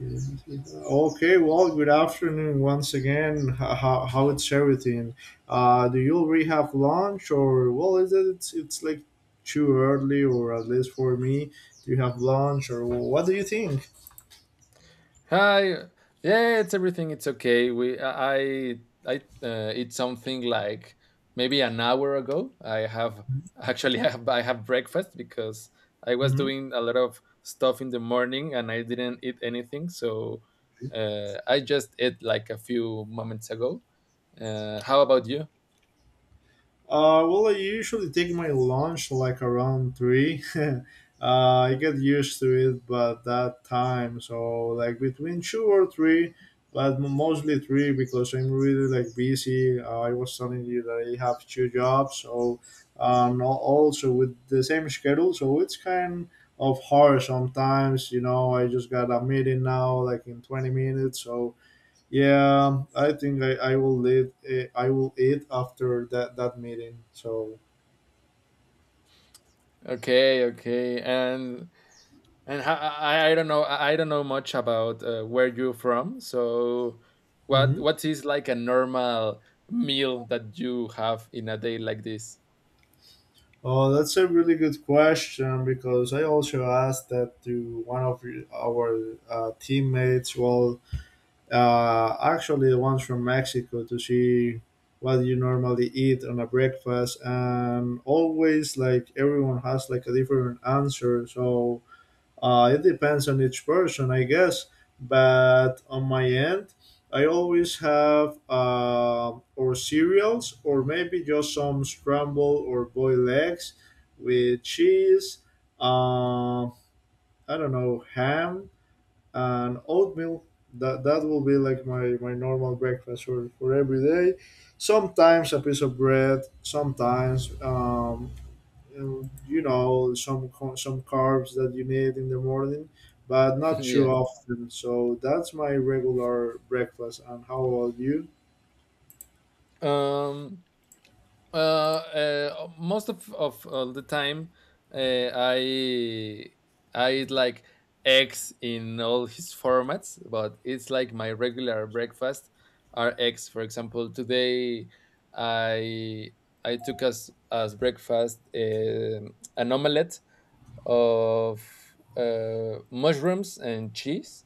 Okay, well, good afternoon once again. How it's everything? Do you already have lunch, or well, it's like too early, or at least for me? Do you have lunch, or well, what do you think? Hi. Yeah, it's everything. It's okay. We I it's something like maybe an hour ago. I have actually I have breakfast because I was Mm-hmm. doing a lot of stuff in the morning and I didn't eat anything. So I just ate like a few moments ago. How about you? Well, I usually take my lunch like around three. I get used to it, but that time, so like between two or three, but mostly three because I'm really like busy. I was telling you that I have two jobs, so also with the same schedule, so it's kind of hard sometimes. You know, I just got a meeting now, like in 20 minutes, so yeah, I think I will eat I will eat after that meeting. So Okay, okay. I don't know, I don't know much about where you're from. So what hmm. what is like a normal meal that you have in a day like this? Oh, that's a really good question because I also asked that to one of our teammates. Well, actually, the ones from Mexico to see what you normally eat on a breakfast, and always like everyone has like a different answer. So uh, it depends on each person, I guess. But on my end, I always have or cereals or maybe just some scramble or boiled eggs with cheese. Uh, I don't know, ham and oatmeal. That will be like my normal breakfast for every day. Sometimes a piece of bread. Sometimes some some carbs that you need in the morning but not too Yeah. often, so that's my regular breakfast. And how about you? Um Most of all the time, uh, i I eat like eggs in all his formats, but it's like my regular breakfast are eggs. For example, today i I took as breakfast an omelette of mushrooms and cheese.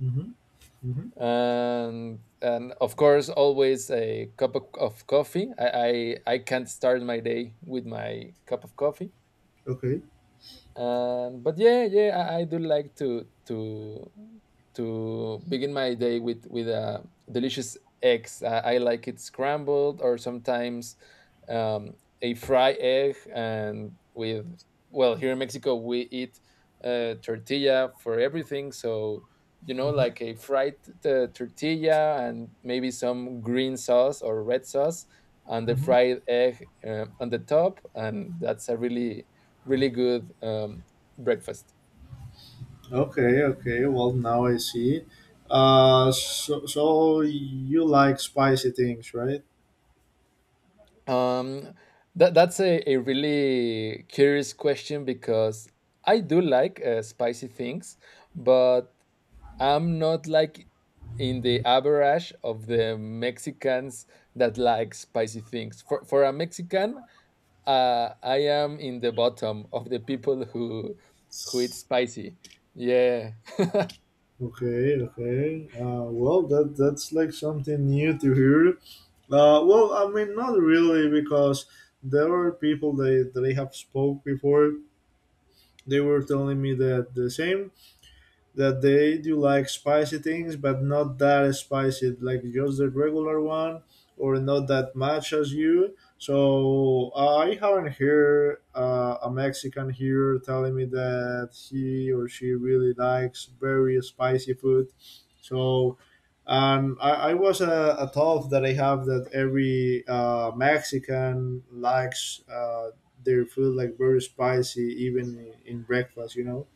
Mm-hmm. Mm-hmm. And of course, always a cup of coffee. I can't start my day with my cup of coffee. Okay. But yeah, I do like to begin my day with a delicious eggs. I like it scrambled, or sometimes um, a fry egg. And with, well, here in Mexico we eat tortilla for everything. So you know, Mm-hmm. like a fried tortilla and maybe some green sauce or red sauce and the Mm-hmm. fried egg on the top. And that's a really really good breakfast. Okay, okay, well, now I see. So you like spicy things, right? Um, that that's a really curious question because I do like spicy things, but I'm not like in the average of the Mexicans that like spicy things. For a Mexican, I am in the bottom of the people who eat spicy. Yeah, Okay, okay. Well, that that's like something new to hear. Well, I mean, not really, because there were people they that I have spoke before. They were telling me that the same, that they do like spicy things, but not that spicy, like just the regular one, or not that much as you. So I haven't heard a Mexican here telling me that he or she really likes very spicy food. So I was a thought that I have that every Mexican likes their food like very spicy, even in breakfast, you know?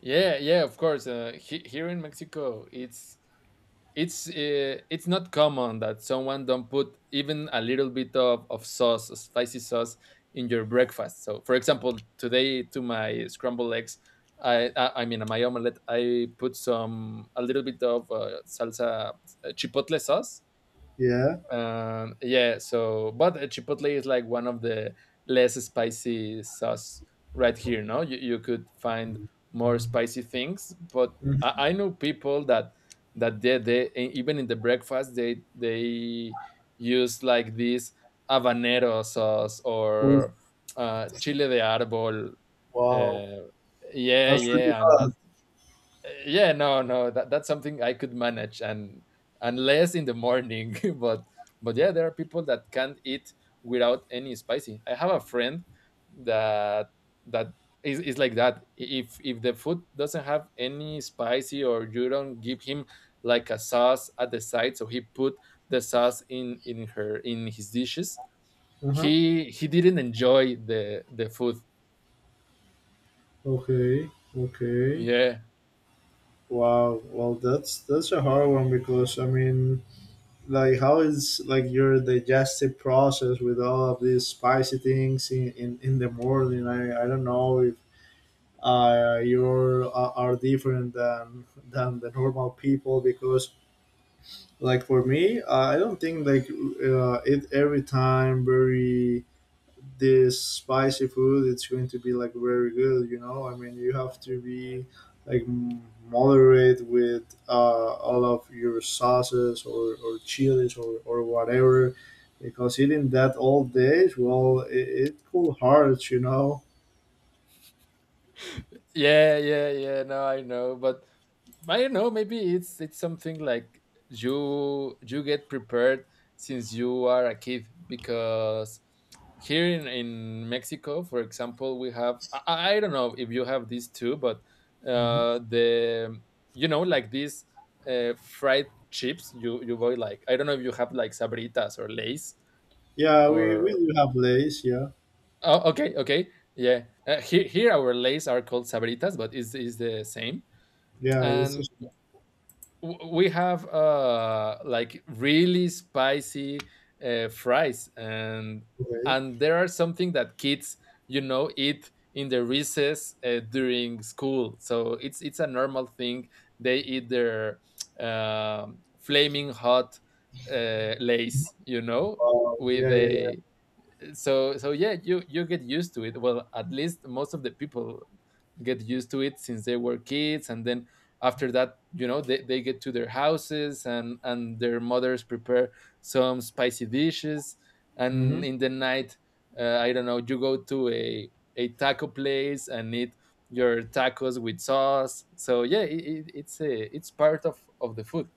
yeah, yeah. Of course, here in Mexico, it's not common that someone don't put even a little bit of sauce, of spicy sauce in your breakfast. So for example, today to my scrambled eggs, I mean my omelette, I put some a little bit of salsa, chipotle sauce. Yeah. Yeah, so but chipotle is like one of the less spicy sauce right here. No, you could find more spicy things, but Mhm. I know people that they e- even in the breakfast they use like this habanero sauce or chile de árbol. Wow, Uh, yeah, that's really yeah, and hard. yeah, no, that, that's something I could manage, and unless in the morning. But yeah, there are people that can't eat without any spicy. I have a friend that that is like that. If the food doesn't have any spicy, or you don't give him like a sauce at the side, so he put the sauce in her in his dishes, Uh huh. He didn't enjoy the food Okay. Okay. yeah Wow. Well, that's a hard one because I mean, like, how is like your digestive process with all of these spicy things in in the morning? I don't know if you're are different than the normal people, because like for me, I don't think like eat every time very this spicy food it's going to be like very good, you know. I mean, you have to be like moderate with all of your sauces, or chilies, or whatever, because eating that all day, well, it could hurt, you know. yeah yeah yeah no I know but I don't know. Maybe it's something like you get prepared since you are a kid because here in Mexico, for example, we have I don't know if you have these too, but Hmm. The you know like these fried chips you you buy like I don't know if you have like Sabritas or Lays Yeah, we, or we do have lace, yeah. oh okay okay yeah here here our Lays are called Sabritas, but is the same Yeah, it's and just w- we have like really spicy fries, okay. and there are something that kids you know eat in the recess during school. So it's a normal thing. They eat their flaming hot lace, you know, with Yeah, yeah. a so so yeah you get used to it well at least most of the people get used to it since they were kids and then after that you know they get to their houses and their mothers prepare some spicy dishes Yeah. and Mhm. in the night I don't know you go to a taco place and eat your tacos with sauce so yeah it, it's a it's part of the food.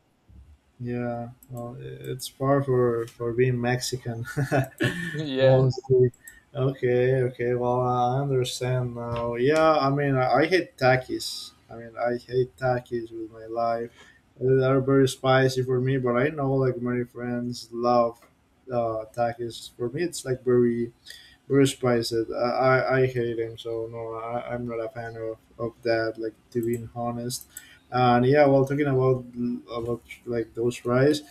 Yeah, well, it's far for being Mexican, Yeah, mostly. Okay, okay. Well, I understand now. Yeah, I mean, I hate takis. I mean, I hate takis with my life. They are very spicy for me, but I know like many friends love takis. For me, it's like very Bruce Prichett, I hate him, so no, I'm not a fan of that, like, to be honest. And yeah, well, talking about like, those fries,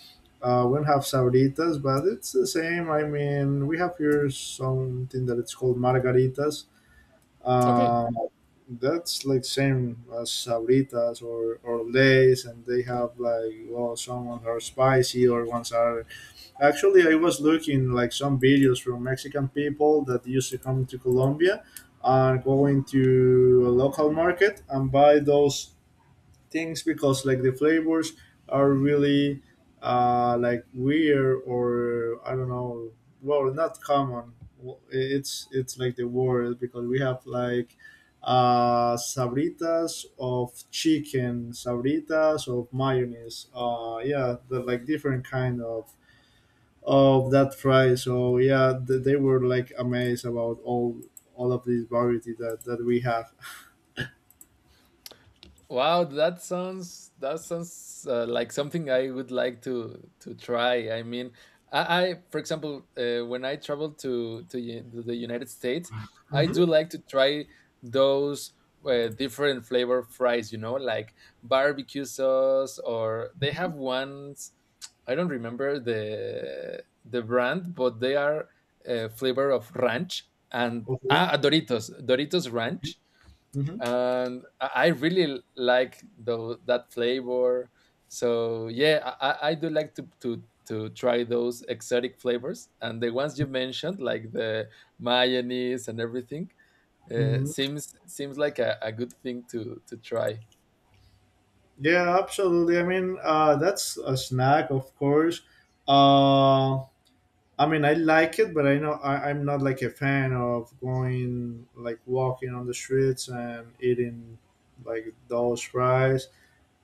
we don't have sabritas, but it's the same. I mean, we have here something that it's called margaritas. okay. Um, that's like same as sabritas, or lays, and they have like, well, some ones are spicy or ones are. Actually, I was looking like some videos from Mexican people that used to come to Colombia and go into a local market and buy those things because like the flavors are really like weird, or I don't know, well, not common. Well, it's like the word, because we have like sabritas of chicken, sabritas of mayonnaise. Yeah, the, like different kind of that fry. So yeah, they were like amazed about all of this variety that that we have. Wow, that sounds, that sounds like something I would like to try. I mean, I for example, when I travel U- to the United States, I Hmm. do like to try those different flavor fries. You know, like barbecue sauce, or they have ones. I don't remember the brand, but they are a flavor of ranch, and Of it. ah, Doritos, Doritos Ranch. Mhm. And I really like the, that flavor. So yeah, I do like to try those exotic flavors, and the ones you mentioned, like the mayonnaise and everything, Mhm. Seems like a good thing to try. Yeah, absolutely. I mean, that's a snack, of course. Uh, I mean, I like it, but I know I'm not like a fan of going like walking on the streets and eating like those fries.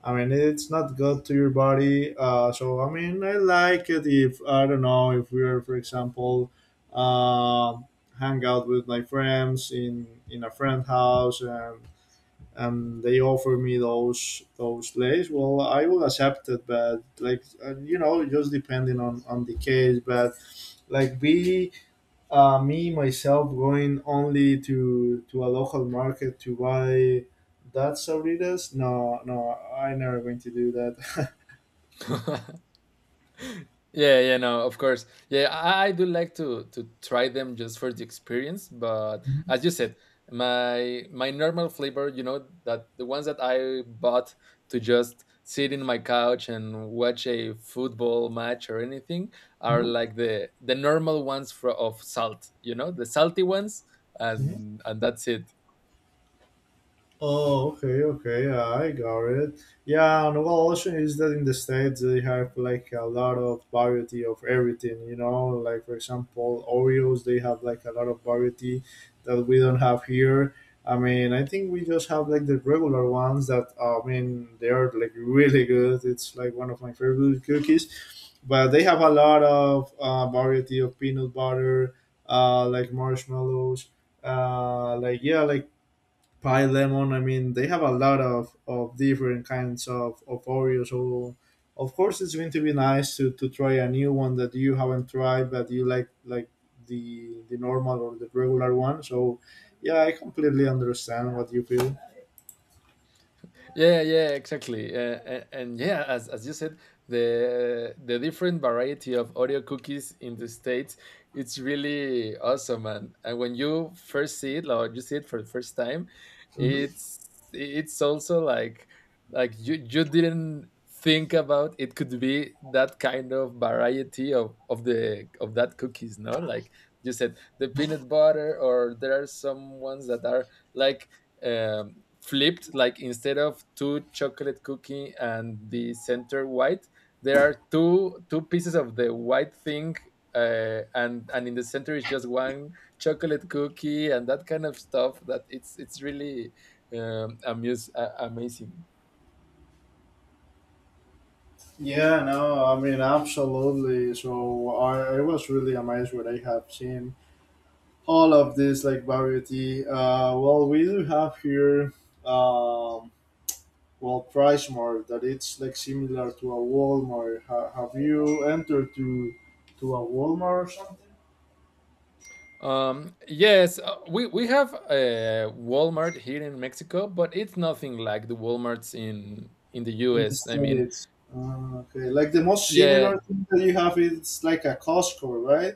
I mean, it's not good to your body. So I mean, I like it if I don't know if we're, for example, um, hang out with my friends in a friend house and they offer me those plays. Well, I will accept it, but like you know, just depending on the case. But like, be me myself going only to a local market to buy that sabritas, no, no, I never going to do that. Yeah, yeah, no, of course. Yeah, I do like to try them just for the experience. But as you said, my normal flavor, you know, that the ones that I bought to just sit in my couch and watch a football match or anything, are Mhm. like the normal ones, for, of salt, you know, the salty ones. Mhm. And that's it. Oh, okay, okay, yeah, I got it. Yeah, and one option is that in the States they have like a lot of variety of everything, you know, like for example, Oreos, they have like a lot of variety that we don't have here. I mean, I think we just have like the regular ones that, I mean, they're like really good. It's like one of my favorite cookies, but they have a lot of variety of peanut butter, like marshmallows, like, yeah, like pie lemon. I mean, they have a lot of different kinds of oreos, so of course it's going to be nice to try a new one that you haven't tried, but you like the normal or the regular one. So yeah, I completely understand what you feel. Yeah, yeah, yeah, exactly. And yeah, as you said, the different variety of Oreo cookies in the States, it's really awesome. And when you first see it, or you see it for the first time, Hmm. it's also like you didn't think about it could be that kind of variety of the of that cookies, no? Like you said, the peanut butter. Or there are some ones that are like um, flipped, like instead of two chocolate cookie and the center white, there are two pieces of the white thing and in the center is just one chocolate cookie, and that kind of stuff. That it's really amazing. Yeah, no, I mean, absolutely. So I was really amazed what I have seen, all of this like variety. Well, we do have here um, well, PriceMart, that it's like similar to a Walmart. Have you entered to a Walmart or something Yes, we have a Walmart here in Mexico, but it's nothing like the WalMarts in the in the US. I mean, states? Okay, like the most yeah. similar thing that you have is like a Costco, right?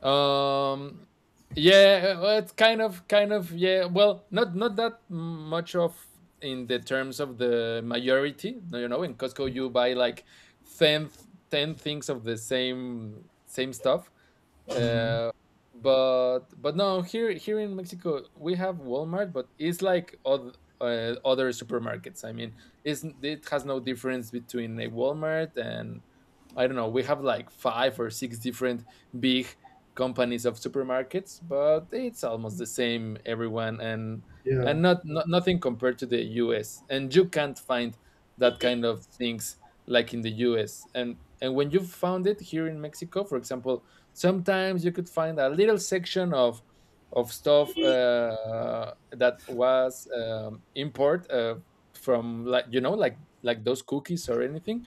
Um, yeah, well, it's kind of, yeah. Well, not not that much of, in the terms of the majority, no. You know, in Costco you buy like 10 10 things of the same stuff. Hmm. Uh, but but no, here, here in Mexico we have Walmart, but it's like other other supermarkets. I mean, it's, it has no difference between a Walmart and, I don't know. We have like five or six different big companies of supermarkets, but it's almost the same, everyone. and Yeah. and not, not nothing compared to the US. And you can't find that kind of things like in the US. And when you found it here in Mexico, for example, sometimes you could find a little section of stuff that was import, from, like, you know, like those cookies or anything,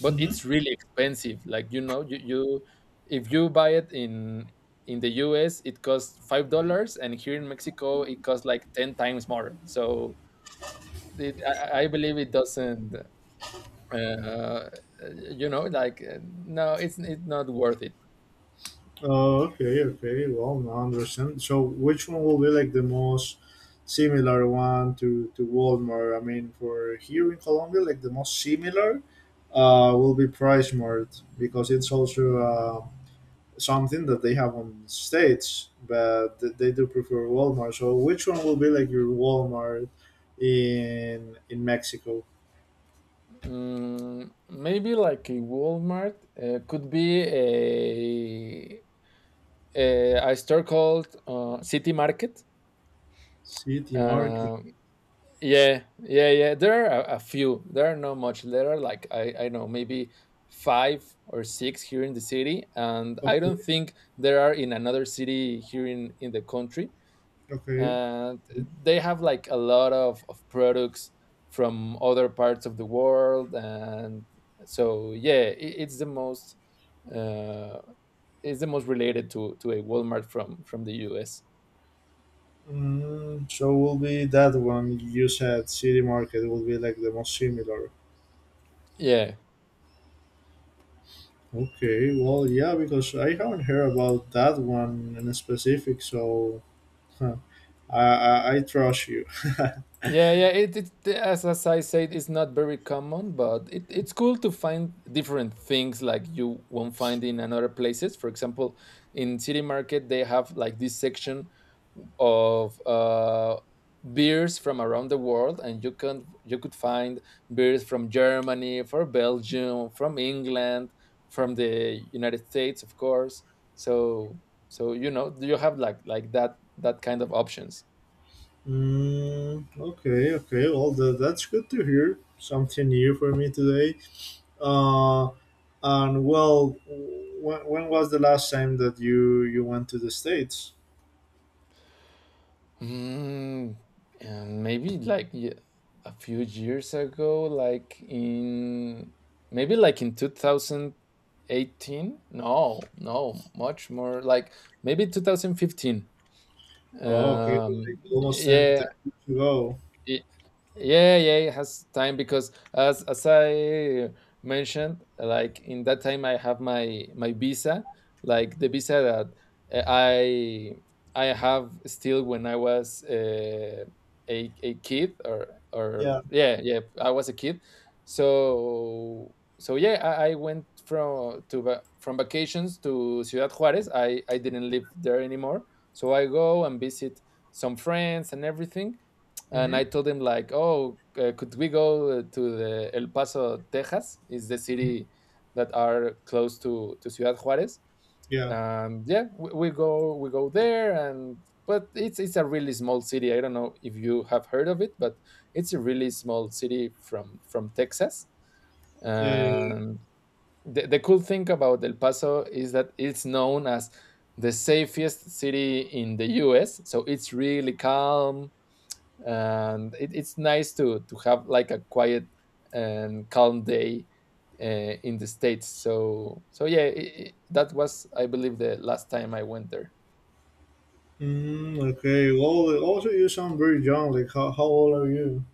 but it's really expensive. Like, you know, you if you buy it in the US it costs $5, and here in Mexico it costs like ten times more. So it, I believe it doesn't. Uh, you know, like, no, it's not worth it. Okay, okay. Well, now I understand. So, which one will be like the most similar one to Walmart? I mean, for here in Colombia, like the most similar will be Price Mart, because it's also a something that they have on states, but they do prefer Walmart. So which one will be like your Walmart in Mexico? Mm, maybe like a Walmart, could be a store called City Market. City Market. Uh, Yeah, yeah, yeah. There are a few. There are not much. There are like, I know maybe five or six here in the city, and I don't Okay. think there are in another city here in the country. Okay. And they have like a lot of products from other parts of the world. And So yeah, uh, it's the most related to a Walmart from the U.S. Mm, so will be that one you said, City Market, will be like the most similar. Yeah. Okay, well, yeah, because I haven't heard about that one in specific, so huh, I trust you. Yeah, yeah. It as I said, it's not very common, but it, it's cool to find different things like you won't find in another places. For example, in City Market, they have like this section of beers from around the world, and you could find beers from Germany, from Belgium, from England, from the United States, of course. So so you know, you have like that, that kind of options. Mm, okay, okay. Well, that's good to hear. Something new for me today. Uh, and well, when was the last time that you went to the states? Mm, and maybe like, ye- a few years ago, like in, maybe like in 2018. No, no, much more, like maybe 2015. Oh, okay, like almost ten, ten Yeah, years ago. yeah, yeah it has time because as I mentioned, like in that time I have my visa, like the visa that I have still when I was a kid or, Yeah. yeah, yeah, I was a kid. So so yeah, I went from, to va-, from vacations to Ciudad Juarez. I didn't live there anymore, so I go and visit some friends and everything. And Mm-hmm. I told him like, "Oh, could we go to the El Paso, Texas? Is the Mm-hmm. city that are close to Ciudad Juarez?" Yeah. Yeah, We go there. And But it's a really small city. I don't know if you have heard of it, but it's a really small city from Texas. Yeah. Yeah, yeah. And the cool thing about El Paso is that it's known as the safest city in the U.S. So it's really calm and it's nice to have like a quiet and calm day in the states. So so yeah, I that was I believe the last time I went there. Mm, okay. Well, also you sound very young. Like, how old are you?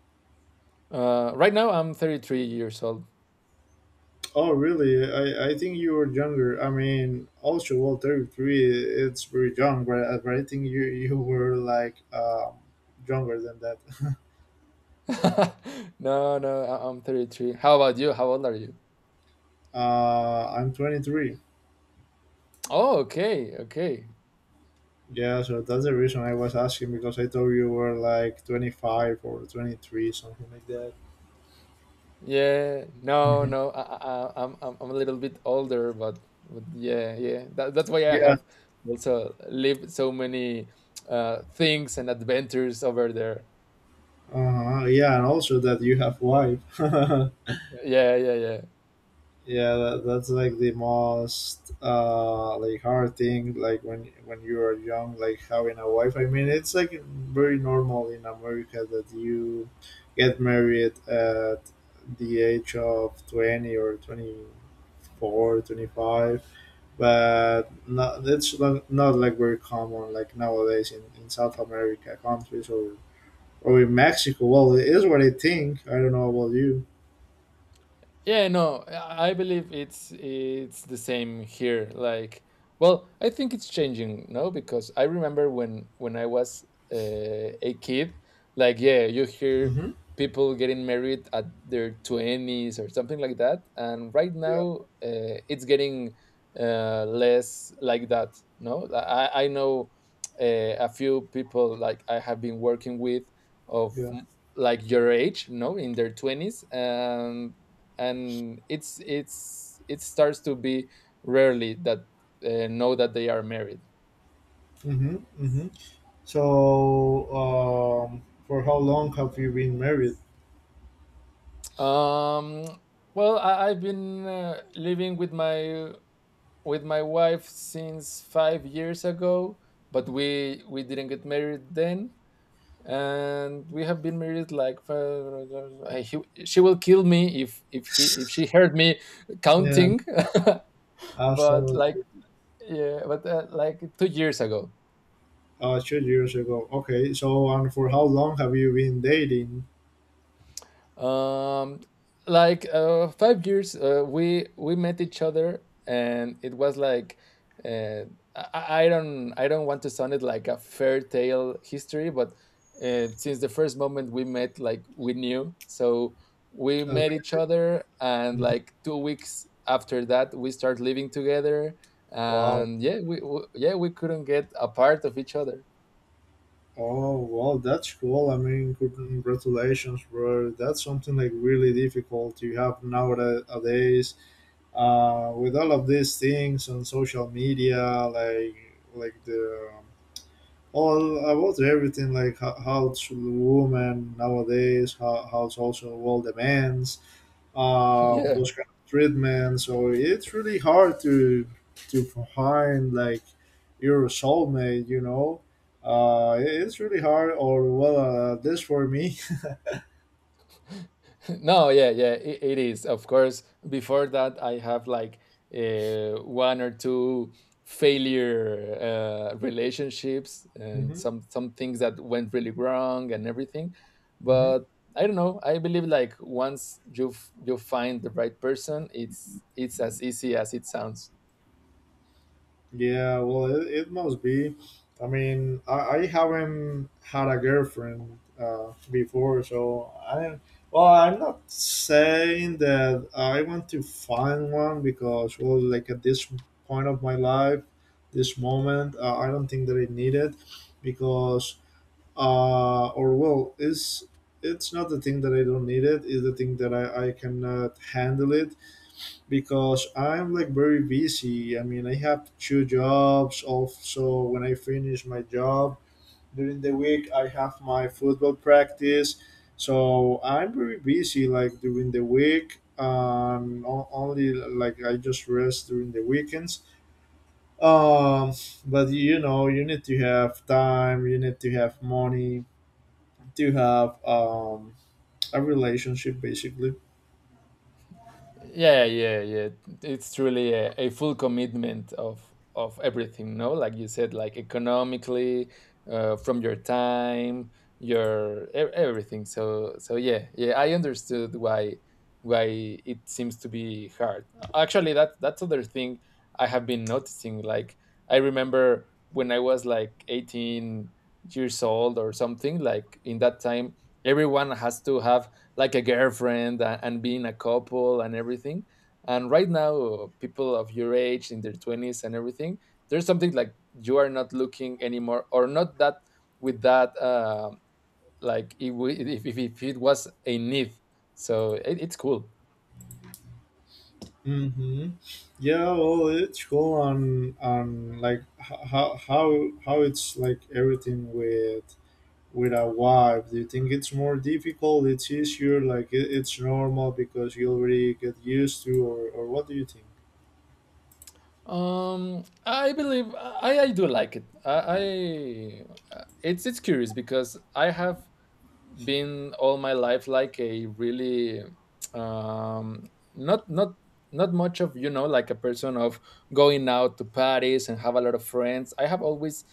Right now I'm 33 years old. Oh, really? I think you were younger. I mean, also, well, 33, it's very young, but, but I think you, you were like younger than that. no no, I- I'm 33. How about you? How old are you? I'm 23. Oh, okay, okay. Yeah, so that's the reason I was asking because I thought you were like 25 or 23, something like that. Yeah, no, Hmm. no, I- I'm a little bit older, but yeah, yeah, that's why I Yeah. have also lived so many things and adventures over there. Uh-huh. Yeah, and also that you have wife. Yeah, yeah, yeah. Yeah, that, that's like the most uh, like hard thing, like when you are young like having a wife. I mean, it's like very normal in america that you get married at the age of 20, or 24, 25. But not, that's not, not like very common like nowadays in south america countries, or in mexico, well, it is what I think, I don't know about you. Yeah, no, I believe it's the same here. Like, well, I think it's changing, no, because I remember when I was a kid, like, yeah, you hear Hmm. people getting married at their twenties or something like that, and right Yeah, now it's getting less like that. No, I know a few people like I have been working with of yeah. like your age, no, in their twenties, and it's it starts to be rarely that know that they are married. Hmm, hmm. So, for how long have you been married? Um, well, I've been living with my wife since 5 years ago, but we didn't get married then, and we have been married for- she will kill me if he if she heard me Yeah, counting, after but like yeah, but like 2 years ago. 2 years ago. Okay, so and for how long have you been dating? Um, like 5 years, we met each other, and it was like uh, I don't want to sound it like a fairy tale history, but since the first moment we met, like we knew. So we met each Okay. other, and Mhm. like 2 weeks after that, we start living together, Wow. and yeah, we couldn't get apart of each other. Oh, well, that's cool. I mean, congratulations, bro. That's something like really difficult you have nowadays. With all of these things on social media, like like the all about everything like how should a woman nowadays, how social world demands yeah. those kind of treatments, so it's really hard to find like your soulmate, you know, it's really hard, or well this for me. No, yeah, yeah, it is. Of course, before that, I have like one or two failure relationships and Hmm. Some things that went really wrong and everything. But I don't know. I believe like once you find the right person, it's as easy as it sounds. Yeah, well, it must be. I mean, I haven't had a girlfriend before, so I. Well, I'm not saying that I want to find one because, well, like at this point of my life, this moment, I don't think that I need it, because, or well, it's not the thing that I don't need it. It's the thing that I cannot handle it because I'm like very busy. I mean, I have two jobs. Also, when I finish my job during the week, I have my football practice. So I'm very busy like during the week. Only like I just rest during the weekends. Um, but you know, you need to have time. You need to have money to have um, a relationship, basically. Yeah, yeah, yeah, it's truly a full commitment of everything, no, like you said, like economically, from your time, everything. So so yeah, yeah, I understood why it seems to be hard. Actually, that's other thing I have been noticing. Like, I remember when I was like 18 years old or something, like in that time everyone has to have like a girlfriend and being a couple and everything. And right now, people of your age in their 20s and everything, there's something like you are not looking anymore or not that with that, um, like if, we, if it was a need. So it's cool. Mm-hmm. Yeah, well, it's cool, and like how how it's like everything with a wife. Do you think it's more difficult? It's easier, like it's normal because you already get used to, or what do you think? I believe I do like it. I it's curious because I have been all my life like a really um not not not much of, you know, like a person of going out to parties and have a lot of friends. I have always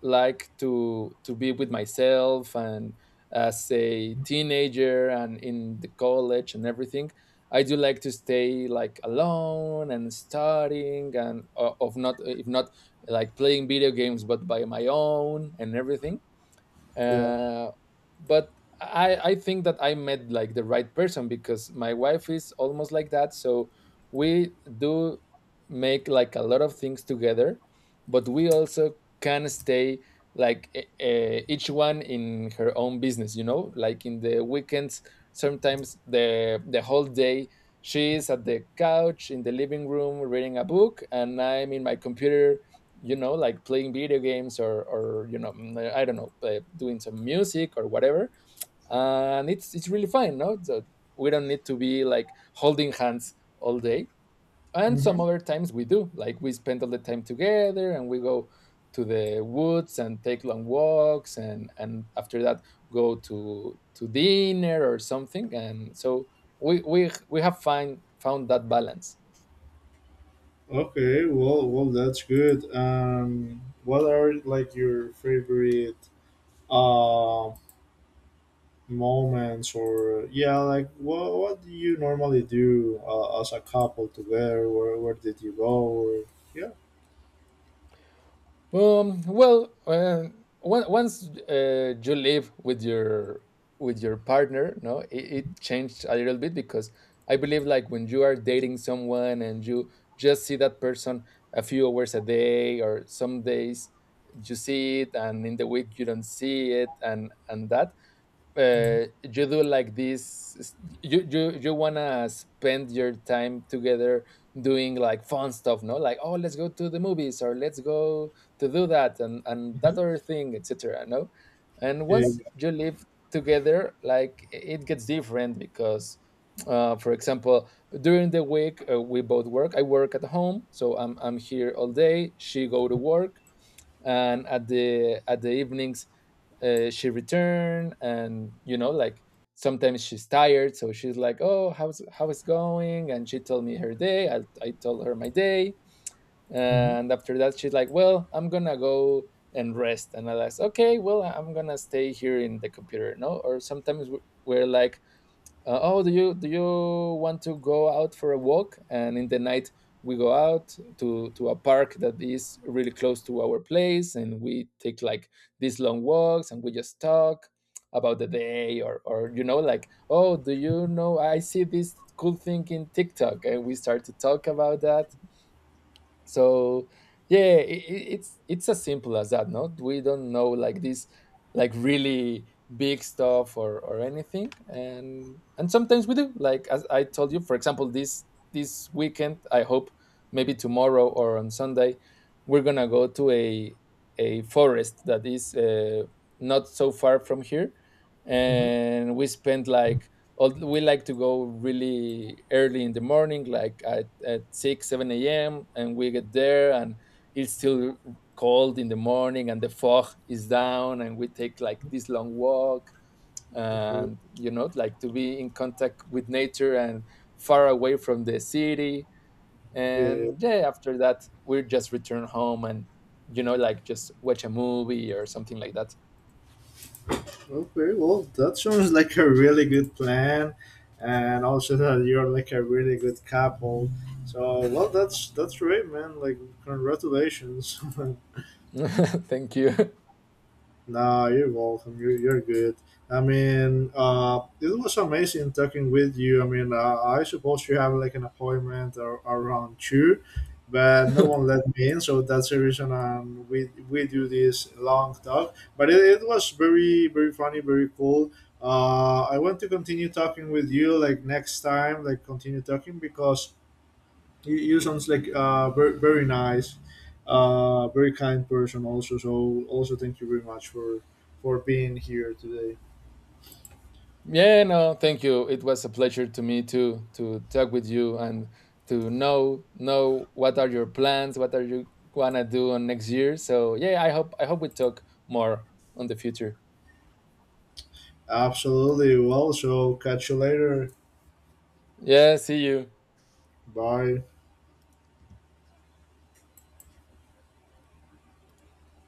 liked to be with myself, and as a teenager and in the college and everything, I do like to stay like alone and studying and of not like playing video games but by my own and everything. Yeah. uh, but I think that I met like the right person because my wife is almost like that. So we do make like a lot of things together, but we also can stay like each one in her own business. You know, like in the weekends, sometimes the whole day she is at the couch in the living room reading a book, and I'm in my computer, you know, like playing video games or you know, I don't know, doing some music or whatever. And it's really fine, no. So we don't need to be like holding hands all day, and some Mm-hmm. other times we do like we spend all the time together and we go to the woods and take long walks, and after that go to dinner or something. And so we have find found that balance. Okay. Well, well, that's good. What are like your favorite um, moments, or yeah, like what do you normally do as a couple together, where did you go? Or yeah. Well, once you live with your partner, no, it changed a little bit because I believe like when you are dating someone and you just see that person a few hours a day or some days you see it, and in the week you don't see it, and that Mm-hmm. You do like you want to spend your time together doing like fun stuff, no, like, oh, let's go to the movies or let's go to do that and that other thing, etc., no. And Yeah. once you live together, like it gets different because for example, during the week we both work. I work at home, so I'm here all day. She go to work, and at the evenings she returned, and you know, like sometimes she's tired, so she's like, oh, how is going, and she told me her day. I told her my day, Mm-hmm. and after that she's like, well, I'm gonna go and rest. And I was like, okay, well, I'm gonna stay here in the computer, no. Or sometimes we're like, oh, do you want to go out for a walk. And in the night we go out to a park that is really close to our place, and we take like these long walks, and we just talk about the day or you know, like, oh, do you know, I see this cool thing in tiktok, and we start to talk about that. So yeah, it's as simple as that. Not we don't know like this like really big stuff or anything. And sometimes we do, like as I told you, for example, this weekend I hope maybe tomorrow or on Sunday we're gonna go to a forest that is not so far from here. Mm-hmm. And we spent like we like to go really early in the morning, like at 6 or 7 a.m., and we get there, and it's still cold in the morning, and the fog is down, and we take like this long walk, Okay. and you know, like to be in contact with nature and far away from the city. Yeah, yeah. And yeah, after that we just return home and you know like just watch a movie or something like that. Okay, well, that sounds like a really good plan, and also that you're like a really good couple, so well, that's great, man. Like congratulations. thank you. Nah, you're welcome. You're good. I mean, it was amazing talking with you. I mean, I suppose you have like an appointment or, around two, but no one let me in, so that's the reason we do this long talk. But it was very very funny, very cool. I want to continue talking with you like next time, like continue talking because you sounds like very, very nice very kind person also, so also thank you very much for being here today. Yeah, no, thank you. It was a pleasure to me to talk with you and to know what are your plans, what are you gonna do on next year. So yeah, I hope we talk more on the future. Absolutely. Well, so catch you later. Yeah, see you. Bye.